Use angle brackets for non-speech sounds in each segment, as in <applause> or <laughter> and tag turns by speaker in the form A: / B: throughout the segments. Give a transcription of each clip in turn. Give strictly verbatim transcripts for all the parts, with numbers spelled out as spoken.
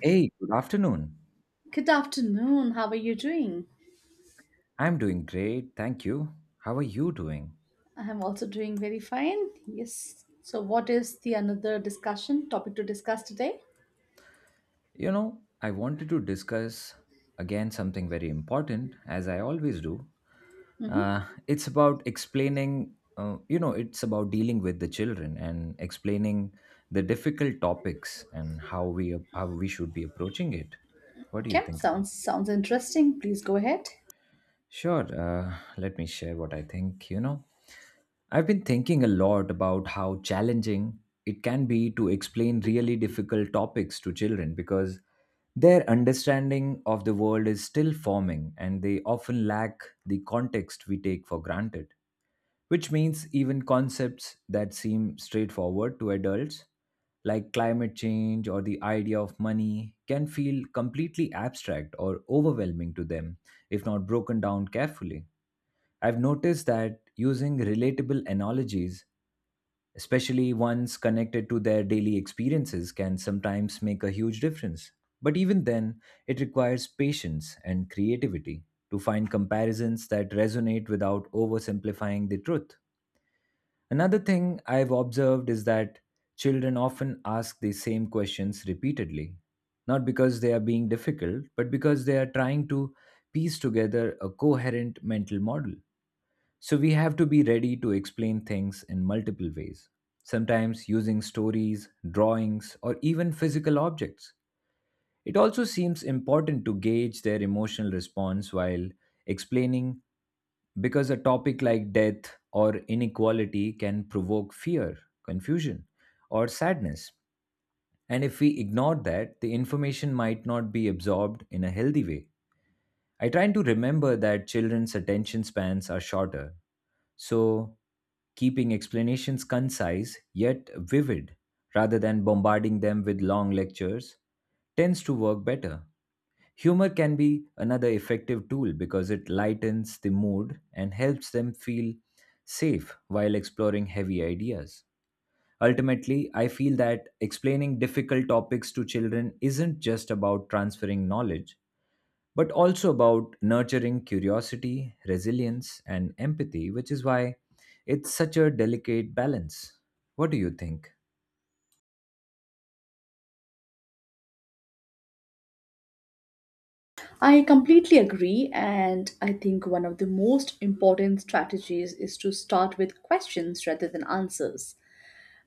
A: Hey, good afternoon.
B: Good afternoon. How are you doing?
A: I'm doing great, thank you. How are you doing?
B: I am also doing very fine. Yes. So, what is the another discussion topic to discuss today?
A: You know, I wanted to discuss again something very important, as I always do.
B: hmm
A: Uh, it's about explaining, uh, you know, it's about dealing with the children and explaining the difficult topics and how we how we should be approaching it. What do you
B: Okay,
A: think about it?
B: sounds sounds interesting. Please go ahead.
A: Sure, uh, let me share what I think. You know, I've been thinking a lot about how challenging it can be to explain really difficult topics to children because their understanding of the world is still forming and they often lack the context we take for granted, which means even concepts that seem straightforward to adults, like climate change or the idea of money, can feel completely abstract or overwhelming to them if not broken down carefully. I've noticed that using relatable analogies, especially ones connected to their daily experiences, can sometimes make a huge difference. But even then, it requires patience and creativity to find comparisons that resonate without oversimplifying the truth. Another thing I've observed is that children often ask the same questions repeatedly, not because they are being difficult, but because they are trying to piece together a coherent mental model. So we have to be ready to explain things in multiple ways, sometimes using stories, drawings, or even physical objects. It also seems important to gauge their emotional response while explaining because a topic like death or inequality can provoke fear, confusion, or sadness. And if we ignore that, the information might not be absorbed in a healthy way. I try to remember that children's attention spans are shorter, so keeping explanations concise yet vivid rather than bombarding them with long lectures tends to work better. Humor can be another effective tool because it lightens the mood and helps them feel safe while exploring heavy ideas. Ultimately, I feel that explaining difficult topics to children isn't just about transferring knowledge, but also about nurturing curiosity, resilience, and empathy, which is why it's such a delicate balance. What do you think?
B: I completely agree, and I think one of the most important strategies is to start with questions rather than answers.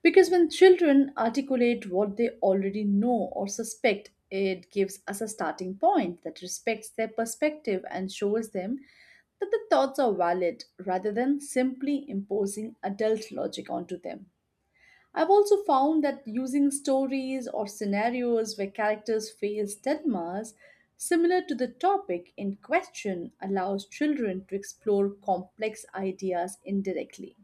B: Because when children articulate what they already know or suspect, it gives us a starting point that respects their perspective and shows them that the thoughts are valid rather than simply imposing adult logic onto them. I've also found that using stories or scenarios where characters face dilemmas similar to the topic in question allows children to explore complex ideas indirectly,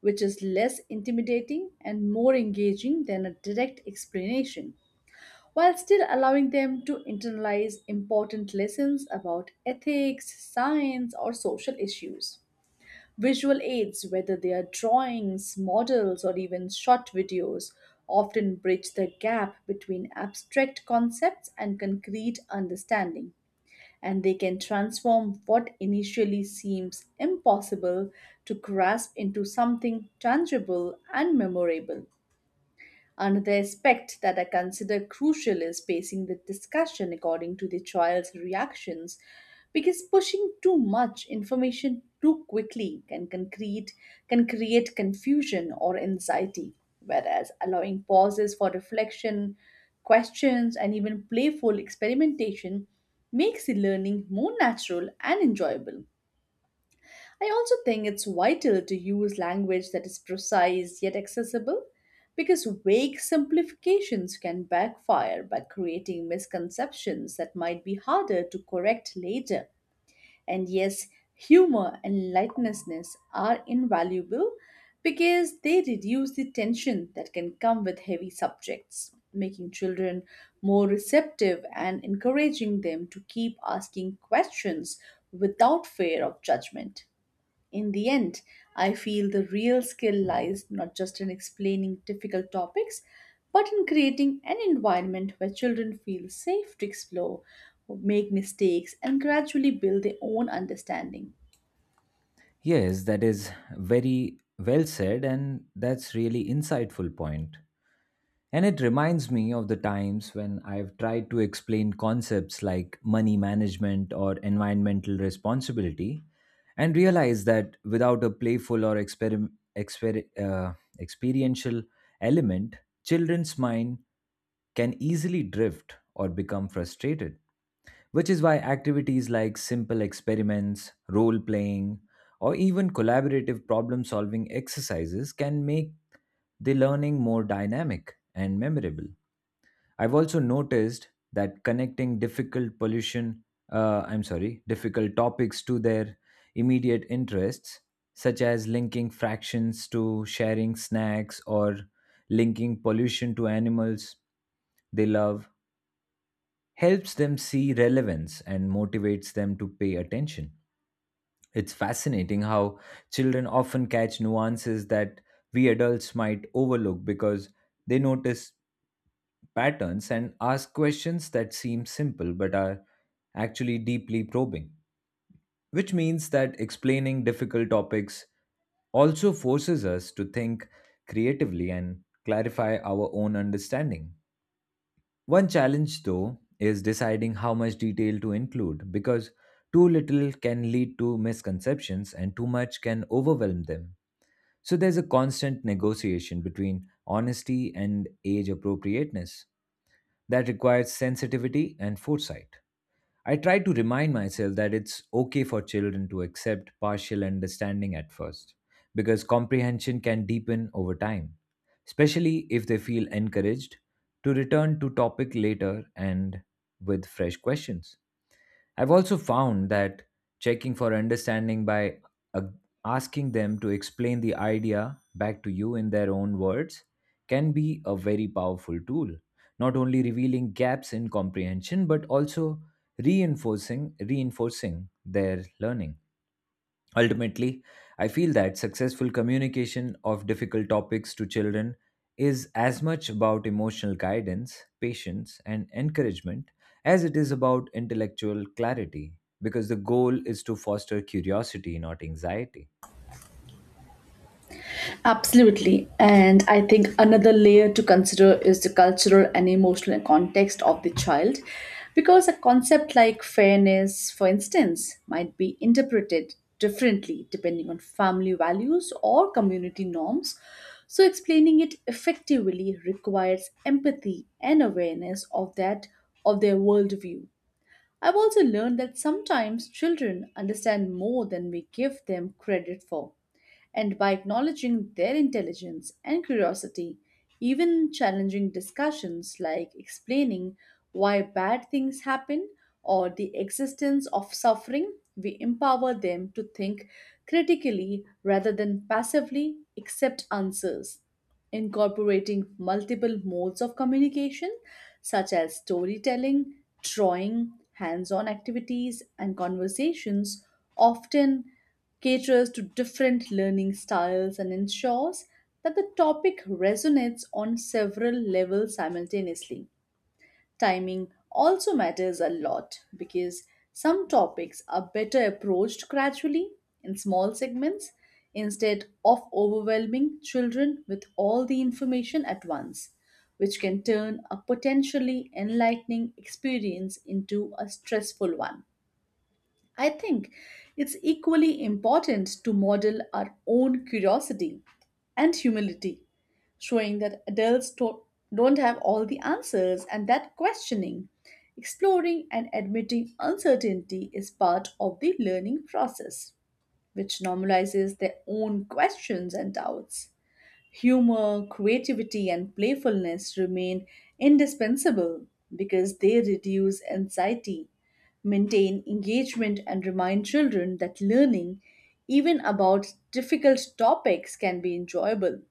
B: which is less intimidating and more engaging than a direct explanation, while still allowing them to internalize important lessons about ethics, science, or social issues. Visual aids, whether they are drawings, models, or even short videos, often bridge the gap between abstract concepts and concrete understanding, and they can transform what initially seems impossible to grasp into something tangible and memorable. Another aspect that I consider crucial is pacing the discussion according to the child's reactions, because pushing too much information too quickly can, can, create, can create confusion or anxiety, whereas allowing pauses for reflection, questions, and even playful experimentation makes the learning more natural and enjoyable. I also think it's vital to use language that is precise yet accessible, because vague simplifications can backfire by creating misconceptions that might be harder to correct later. And yes, humor and lightness are invaluable because they reduce the tension that can come with heavy subjects, making children more receptive and encouraging them to keep asking questions without fear of judgment. In the end, I feel the real skill lies not just in explaining difficult topics, but in creating an environment where children feel safe to explore, make mistakes, and gradually build their own understanding.
A: Yes, that is very well said, and that's really insightful point. And it reminds me of the times when I've tried to explain concepts like money management or environmental responsibility and realized that without a playful or experim- exper- uh, experiential element, children's mind can easily drift or become frustrated, which is why activities like simple experiments, role playing, or even collaborative problem solving exercises can make the learning more dynamic and memorable. I've also noticed that connecting difficult pollution, uh, I'm sorry, difficult topics to their immediate interests, such as linking fractions to sharing snacks or linking pollution to animals they love, helps them see relevance and motivates them to pay attention. It's fascinating how children often catch nuances that we adults might overlook because they notice patterns and ask questions that seem simple but are actually deeply probing, which means that explaining difficult topics also forces us to think creatively and clarify our own understanding. One challenge, though, is deciding how much detail to include because too little can lead to misconceptions and too much can overwhelm them. So there's a constant negotiation between honesty and age appropriateness that requires sensitivity and foresight. I try to remind myself that it's okay for children to accept partial understanding at first, because comprehension can deepen over time, especially if they feel encouraged to return to topic later and with fresh questions. I've also found that checking for understanding by uh, asking them to explain the idea back to you in their own words can be a very powerful tool, not only revealing gaps in comprehension but also reinforcing reinforcing their learning. Ultimately, I feel that successful communication of difficult topics to children is as much about emotional guidance, patience, and encouragement as it is about intellectual clarity, because the goal is to foster curiosity, not anxiety.
B: Absolutely. And I think another layer to consider is the cultural and emotional context of the child. Because a concept like fairness, for instance, might be interpreted differently depending on family values or community norms. So, explaining it effectively requires empathy and awareness of that, of their worldview. I've also learned that sometimes children understand more than we give them credit for, and by acknowledging their intelligence and curiosity, even challenging discussions like explaining why bad things happen or the existence of suffering, we empower them to think critically rather than passively accept answers. Incorporating multiple modes of communication such as storytelling, drawing, hands on activities, and conversations often caters to different learning styles and ensures that the topic resonates on several levels simultaneously. Timing also matters a lot, because some topics are better approached gradually in small segments instead of overwhelming children with all the information at once, which can turn a potentially enlightening experience into a stressful one. I think it's equally important to model our own curiosity and humility, showing that adults to- don't have all the answers and that questioning, exploring, and admitting uncertainty is part of the learning process, which normalizes their own questions and doubts. Humor, creativity, and playfulness remain indispensable because they reduce anxiety, maintain engagement, and remind children that learning, even about difficult topics, can be enjoyable.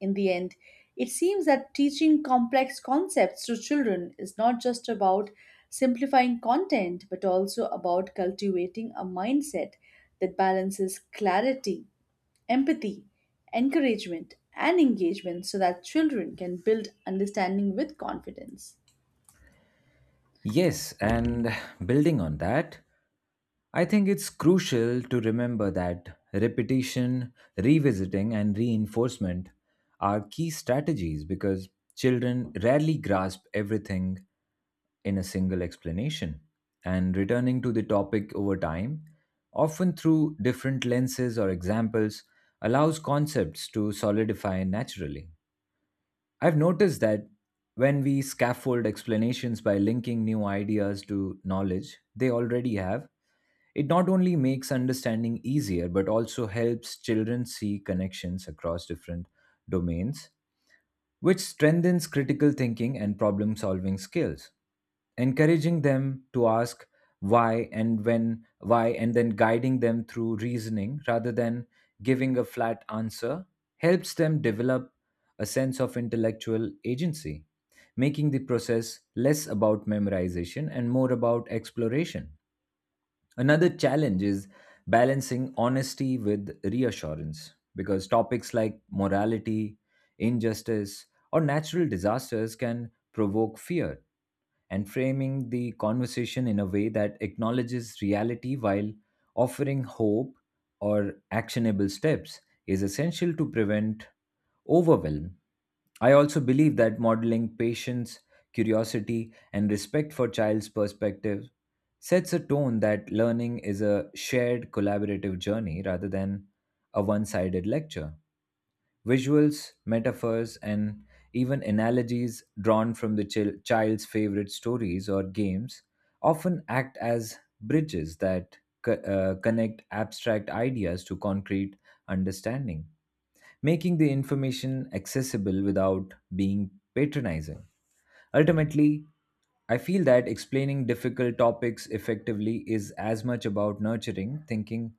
B: In the end, it seems that teaching complex concepts to children is not just about simplifying content but also about cultivating a mindset that balances clarity, empathy, encouragement, and engagement so that children can build understanding with confidence.
A: Yes, and building on that, I think it's crucial to remember that repetition, revisiting, and reinforcement are key strategies because children rarely grasp everything in a single explanation. And returning to the topic over time, often through different lenses or examples, allows concepts to solidify naturally. I've noticed that when we scaffold explanations by linking new ideas to knowledge they already have, it not only makes understanding easier, but also helps children see connections across different domains, which strengthens critical thinking and problem solving skills. Encouraging them to ask why and when, why, and then guiding them through reasoning rather than giving a flat answer helps them develop a sense of intellectual agency, making the process less about memorization and more about exploration. Another challenge is balancing honesty with reassurance because topics like morality, injustice, or natural disasters can provoke fear, and framing the conversation in a way that acknowledges reality while offering hope or actionable steps is essential to prevent overwhelm. I also believe that modeling patience, curiosity, and respect for child's perspective sets a tone that learning is a shared collaborative journey rather than a one sided lecture. Visuals, metaphors, and even analogies drawn from the chil- child's favorite stories or games often act as bridges that co- uh, connect abstract ideas to concrete understanding, making the information accessible without being patronizing. Ultimately, I feel that explaining difficult topics effectively is as much about nurturing thinking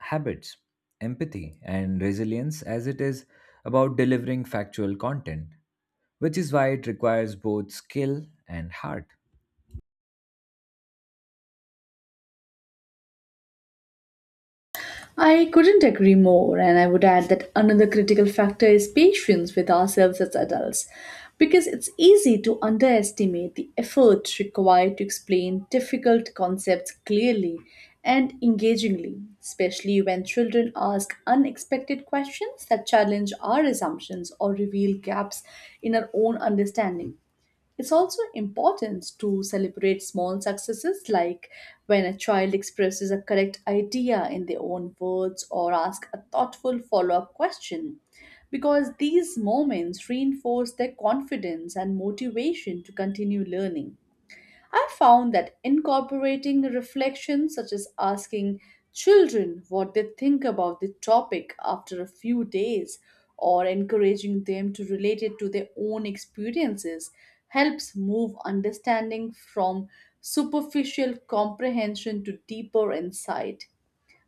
A: habits, empathy, and resilience as it is about delivering factual content, which is why it requires both skill and heart.
B: I couldn't agree more, and I would add that another critical factor is patience with ourselves as adults, because it's easy to underestimate the effort required to explain difficult concepts clearly and engagingly, especially when children ask unexpected questions that challenge our assumptions or reveal gaps in our own understanding. It's also important to celebrate small successes, like when a child expresses a correct idea in their own words or asks a thoughtful follow up question, because these moments reinforce their confidence and motivation to continue learning. I found that incorporating reflections, such as asking children what they think about the topic after a few days or encouraging them to relate it to their own experiences, helps move understanding from superficial comprehension to deeper insight.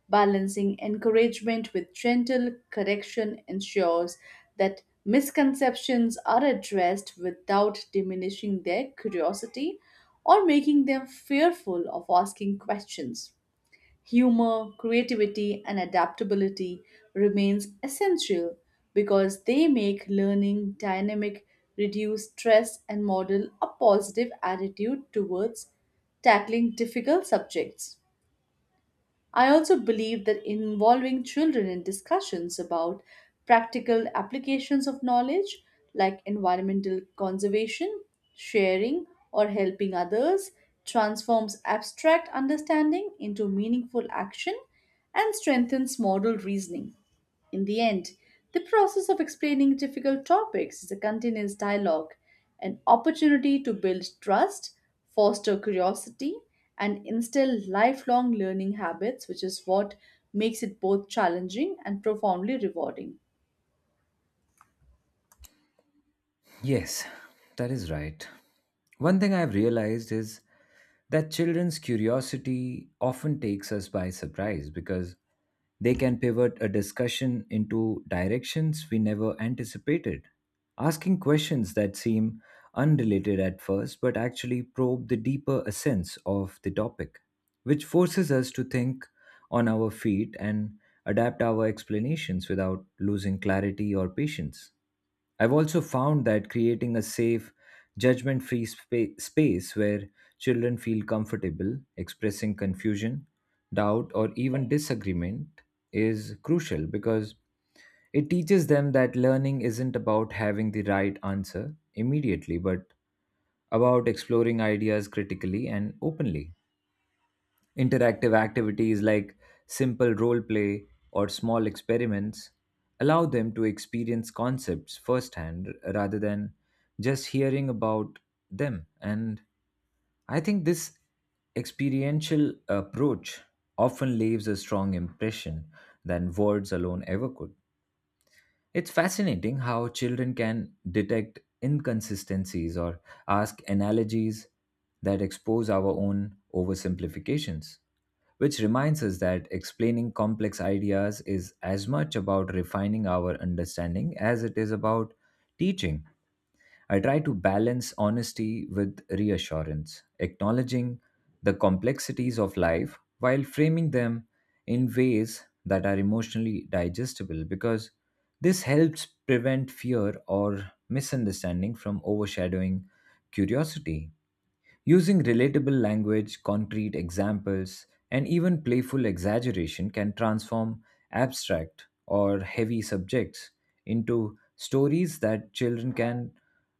B: Balancing encouragement with gentle correction ensures that misconceptions are addressed without diminishing their curiosity or making them fearful of asking questions. Humor, creativity, and adaptability remains essential because they make learning dynamic, reduce stress, and model a positive attitude towards tackling difficult subjects. I also believe that involving children in discussions about practical applications of knowledge, like environmental conservation, sharing, or helping others, transforms abstract understanding into meaningful action and strengthens moral reasoning. In the end, the process of explaining difficult topics is a continuous dialogue, an opportunity to build trust, foster curiosity, and instill lifelong learning habits, which is what makes it both challenging and profoundly rewarding.
A: Yes, that is right. One thing I've realized is that children's curiosity often takes us by surprise because they can pivot a discussion into directions we never anticipated. Asking questions that seem unrelated at first but actually probe the deeper essence of the topic, which forces us to think on our feet and adapt our explanations without losing clarity or patience. I've also found that creating a safe, judgment free spa- space where children feel comfortable expressing confusion, doubt, or even disagreement is crucial because it teaches them that learning isn't about having the right answer immediately, but about exploring ideas critically and openly. Interactive activities like simple role play or small experiments allow them to experience concepts firsthand rather than just hearing about them. And I think this experiential approach often leaves a strong impression than words alone ever could. It's fascinating how children can detect inconsistencies or ask analogies that expose our own oversimplifications, which reminds us that explaining complex ideas is as much about refining our understanding as it is about teaching. I try to balance honesty with reassurance, acknowledging the complexities of life while framing them in ways that are emotionally digestible because this helps prevent fear or misunderstanding from overshadowing curiosity. Using relatable language, concrete examples, and even playful exaggeration can transform abstract or heavy subjects into stories that children can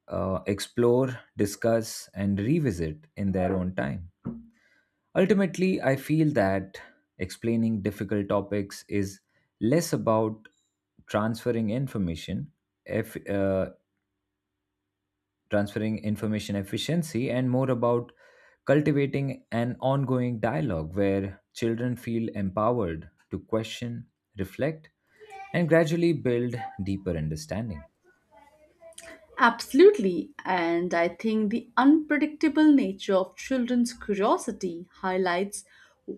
A: uh, explore, discuss, and revisit in their own time. Ultimately, I feel that explaining difficult topics is less about transferring information if, uh, transferring information efficiency, and more about cultivating an ongoing dialogue where children feel empowered to question, reflect, and gradually build deeper understanding.
B: Absolutely, and I think the unpredictable nature of children's curiosity highlights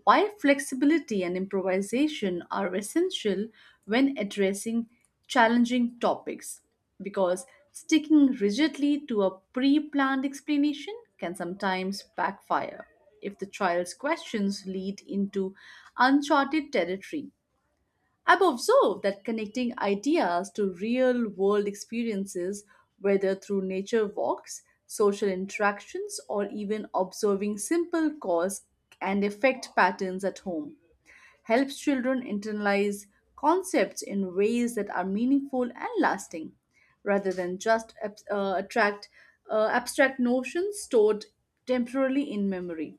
B: why flexibility and improvisation are essential when addressing challenging topics. Because sticking rigidly to a pre planned explanation can sometimes backfire if the child's questions lead into uncharted territory. I've observed that connecting ideas to real world experiences, whether through nature walks, social interactions, or even observing simple cause and effect patterns at home, helps children internalize concepts in ways that are meaningful and lasting, rather than just ab- uh, attract uh, abstract notions stored temporarily in memory.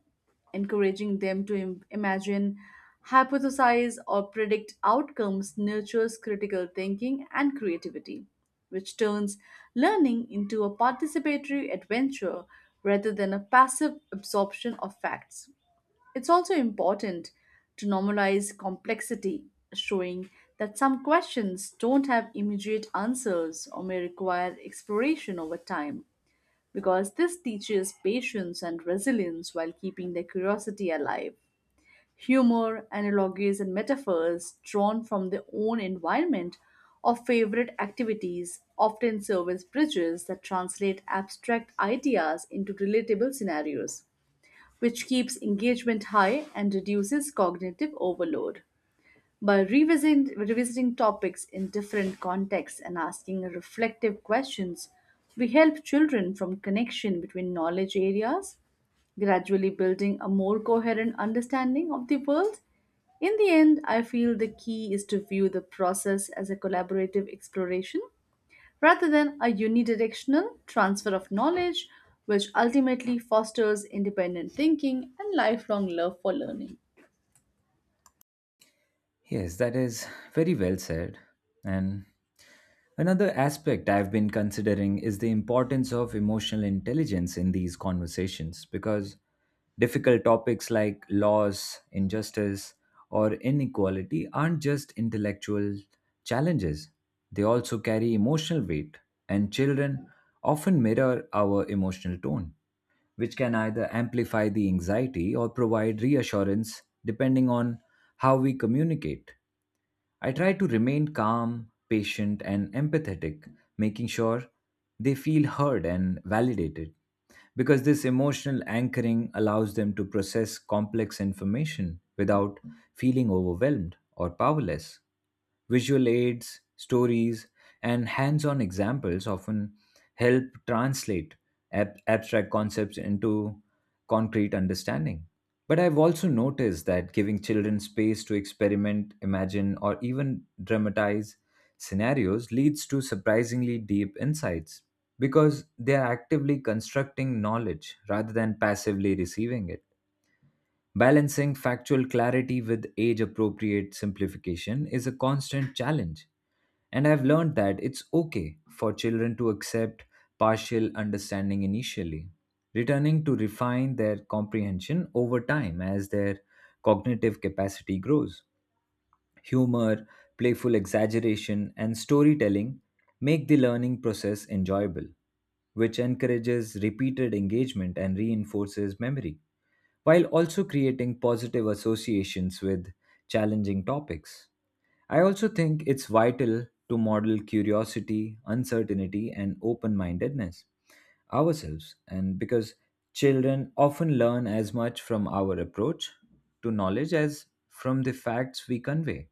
B: Encouraging them to im- imagine, hypothesize, or predict outcomes nurtures critical thinking and creativity, which turns learning into a participatory adventure rather than a passive absorption of facts. It's also important to normalize complexity, showing that some questions don't have immediate answers or may require exploration over time, because this teaches patience and resilience while keeping their curiosity alive. Humor, analogies, and metaphors drawn from their own environment or favorite activities often serve as bridges that translate abstract ideas into relatable scenarios, which keeps engagement high and reduces cognitive overload. By revising, revisiting topics in different contexts and asking reflective questions, we help children from connection between knowledge areas, gradually building a more coherent understanding of the world. In the end, I feel the key is to view the process as a collaborative exploration rather than a unidirectional transfer of knowledge, which ultimately fosters independent thinking and lifelong love for learning.
A: Yes, that is very well said. And another aspect I've been considering is the importance of emotional intelligence in these conversations because difficult topics like loss, injustice, or inequality aren't just intellectual challenges, they also carry emotional weight, and children often mirror our emotional tone, which can either amplify the anxiety or provide reassurance depending on how we communicate. I try to remain calm, patient, and empathetic, making sure they feel heard and validated because this emotional anchoring allows them to process complex information without feeling overwhelmed or powerless. Visual aids, stories, and hands on examples often help translate ab- abstract concepts into concrete understanding. But I've also noticed that giving children space to experiment, imagine, or even dramatize scenarios leads to surprisingly deep insights because they are actively constructing knowledge rather than passively receiving it. Balancing factual clarity with age appropriate simplification is a constant challenge, and I've learned that it's okay for children to accept partial understanding initially, returning to refine their comprehension over time as their cognitive capacity grows. Humor, playful exaggeration, and storytelling make the learning process enjoyable, which encourages repeated engagement and reinforces memory, while also creating positive associations with challenging topics. I also think it's vital to model curiosity, uncertainty, and open mindedness ourselves, and because children often learn as much from our approach to knowledge as from the facts we convey.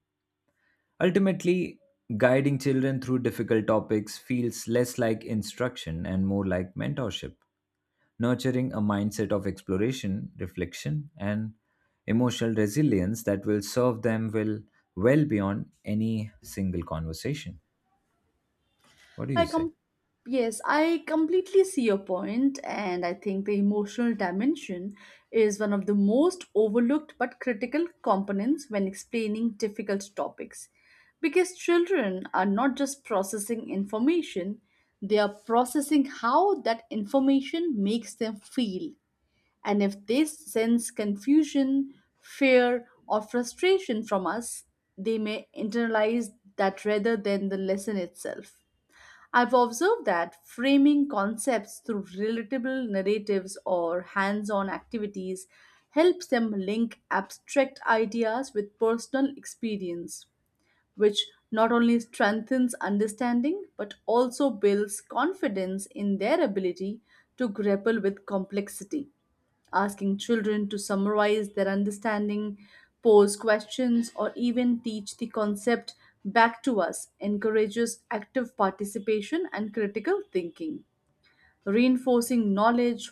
A: Ultimately, guiding children through difficult topics feels less like instruction and more like mentorship, nurturing a mindset of exploration, reflection, and emotional resilience that will serve them will well beyond any single conversation. What do you
B: I
A: say?
B: com- yes, I completely see your point, and I think the emotional dimension is one of the most overlooked but critical components when explaining difficult topics. Because children are not just processing information, they are processing how that information makes them feel. And if they sense confusion, fear, or frustration from us, they may internalize that rather than the lesson itself. I've observed that framing concepts through relatable narratives or hands on activities helps them link abstract ideas with personal experience, which not only strengthens understanding but also builds confidence in their ability to grapple with complexity. Asking children to summarize their understanding, pose questions, or even teach the concept back to us encourages active participation and critical thinking, reinforcing knowledge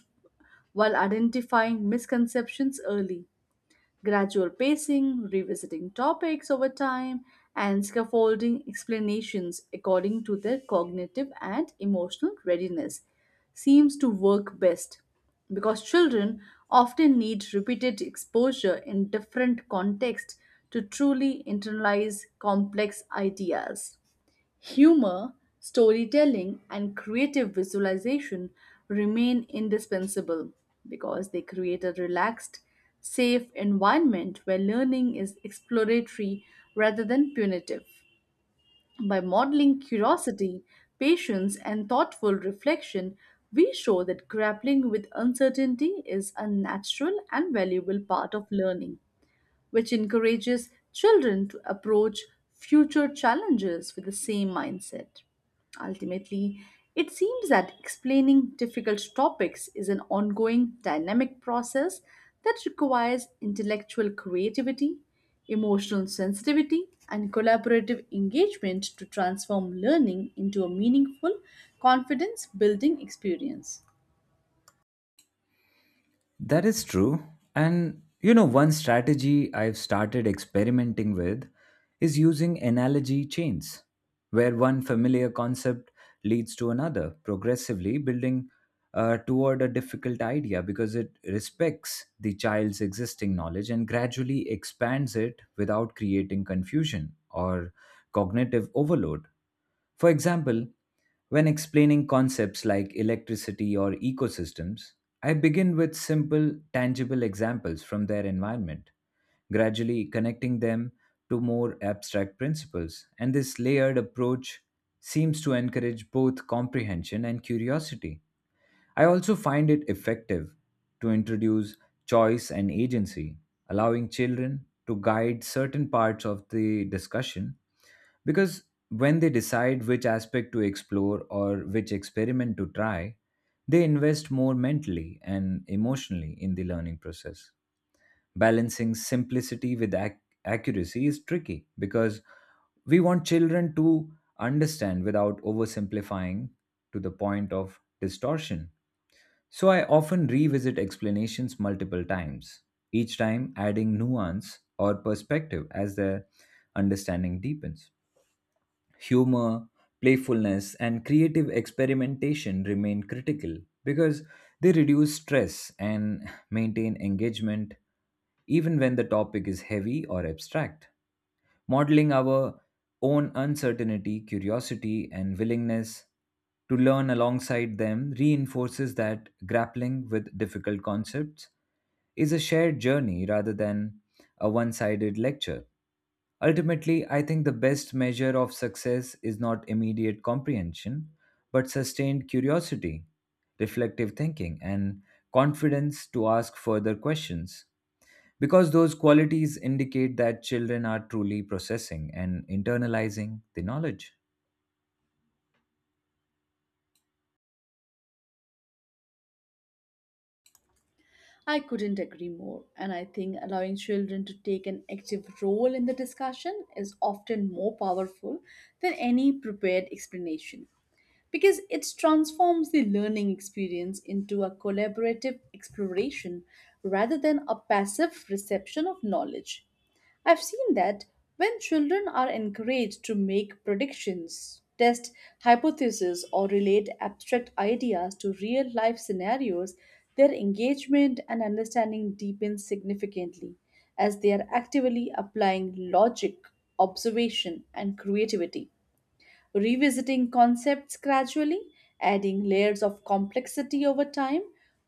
B: while identifying misconceptions early. Gradual pacing, revisiting topics over time, and scaffolding explanations according to their cognitive and emotional readiness seems to work best, because children often need repeated exposure in different contexts to truly internalize complex ideas. Humor, storytelling, and creative visualization remain indispensable because they create a relaxed, safe environment where learning is exploratory rather than punitive. By modeling curiosity, patience, and thoughtful reflection, we show that grappling with uncertainty is a natural and valuable part of learning, which encourages children to approach future challenges with the same mindset. Ultimately, it seems that explaining difficult topics is an ongoing dynamic process that requires intellectual creativity, emotional sensitivity, and collaborative engagement to transform learning into a meaningful, confidence building experience.
A: That is true. And you know, one strategy I've started experimenting with is using analogy chains, where one familiar concept leads to another, progressively building uh, toward a difficult idea because it respects the child's existing knowledge and gradually expands it without creating confusion or cognitive overload. For example, when explaining concepts like electricity or ecosystems, I begin with simple, tangible examples from their environment, gradually connecting them to more abstract principles. And this layered approach seems to encourage both comprehension and curiosity. I also find it effective to introduce choice and agency, allowing children to guide certain parts of the discussion because when they decide which aspect to explore or which experiment to try, they invest more mentally and emotionally in the learning process. Balancing simplicity with ac- accuracy is tricky because we want children to understand without oversimplifying to the point of distortion. So I often revisit explanations multiple times, each time adding nuance or perspective as their understanding deepens. Humor, playfulness, and creative experimentation remain critical because they reduce stress and <sighs> maintain engagement even when the topic is heavy or abstract. Modeling our own uncertainty, curiosity, and willingness to learn alongside them reinforces that grappling with difficult concepts is a shared journey rather than a one sided lecture. Ultimately, I think the best measure of success is not immediate comprehension, but sustained curiosity, reflective thinking, and confidence to ask further questions, because those qualities indicate that children are truly processing and internalizing the knowledge.
B: I couldn't agree more, and I think allowing children to take an active role in the discussion is often more powerful than any prepared explanation because it transforms the learning experience into a collaborative exploration rather than a passive reception of knowledge. I've seen that when children are encouraged to make predictions, test hypotheses, or relate abstract ideas to real life scenarios, their engagement and understanding deepens significantly as they are actively applying logic, observation, and creativity. Revisiting concepts gradually, adding layers of complexity over time,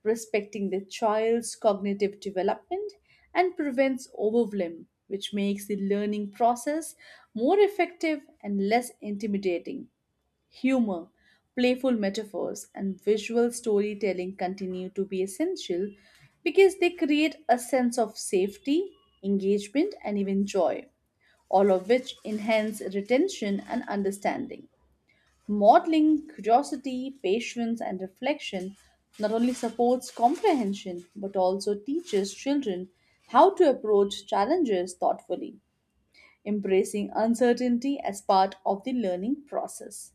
B: respecting the child's cognitive development, and prevents overwhelm, which makes the learning process more effective and less intimidating. Humor, playful metaphors, and visual storytelling continue to be essential because they create a sense of safety, engagement, and even joy, all of which enhance retention and understanding. Modeling curiosity, patience, and reflection not only supports comprehension but also teaches children how to approach challenges thoughtfully, embracing uncertainty as part of the learning process,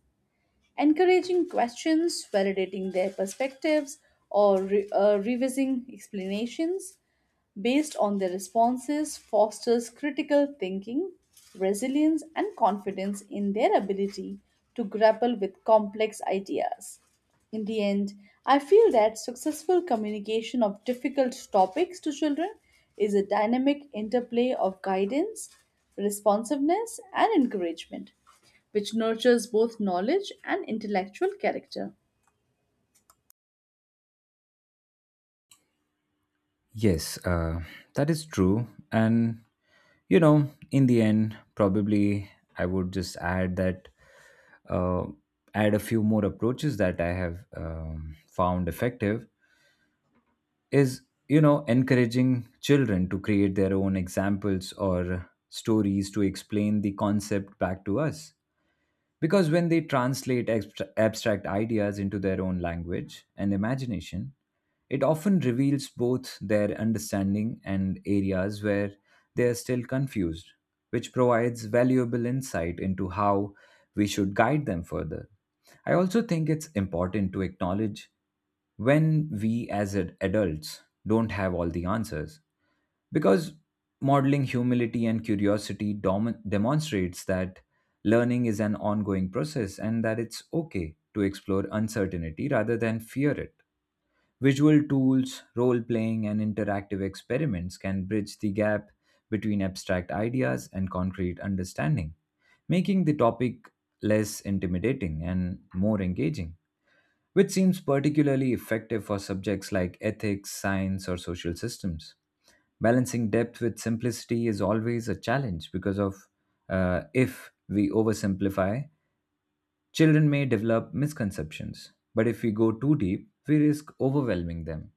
B: encouraging questions, validating their perspectives, or re- uh, revising explanations based on their responses fosters critical thinking, resilience, and confidence in their ability to grapple with complex ideas. In the end, I feel that successful communication of difficult topics to children is a dynamic interplay of guidance, responsiveness, and encouragement, which nurtures both knowledge and intellectual character.
A: Yes, uh, that is true. And, you know, in the end, probably I would just add that, uh, add a few more approaches that I have um, found effective is you know encouraging children to create their own examples or stories to explain the concept back to us because when they translate abstra- abstract ideas into their own language and imagination, it often reveals both their understanding and areas where they are still confused, which provides valuable insight into how we should guide them further. I also think it's important to acknowledge when we as ad- adults don't have all the answers because modeling humility and curiosity dom- demonstrates that learning is an ongoing process and that it's okay to explore uncertainty rather than fear it. Visual tools, role playing, and interactive experiments can bridge the gap between abstract ideas and concrete understanding, making the topic less intimidating and more engaging, which seems particularly effective for subjects like ethics, science, or social systems. Balancing depth with simplicity is always a challenge because of, uh, if we oversimplify, children may develop misconceptions. But if we go too deep, we risk overwhelming them.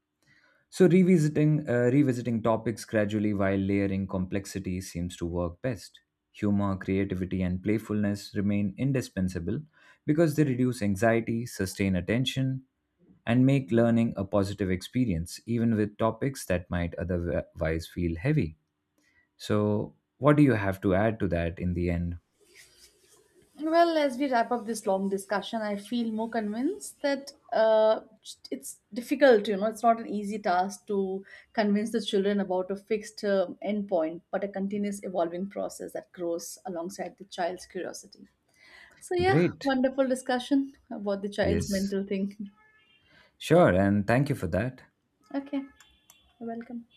A: So revisiting uh, revisiting topics gradually while layering complexity seems to work best. Humor, creativity, and playfulness remain indispensable because they reduce anxiety, sustain attention, and make learning a positive experience, even with topics that might otherwise feel heavy. So, what do you have to add to that in the end?
B: Well, as we wrap up this long discussion, I feel more convinced that uh, it's difficult, you know, it's not an easy task to convince the children about a fixed uh, endpoint, but a continuous evolving process that grows alongside the child's curiosity. So, yeah,
A: Great.
B: wonderful discussion about the child's
A: Yes.
B: mental thing.
A: Sure. And thank you for that.
B: Okay, you're welcome.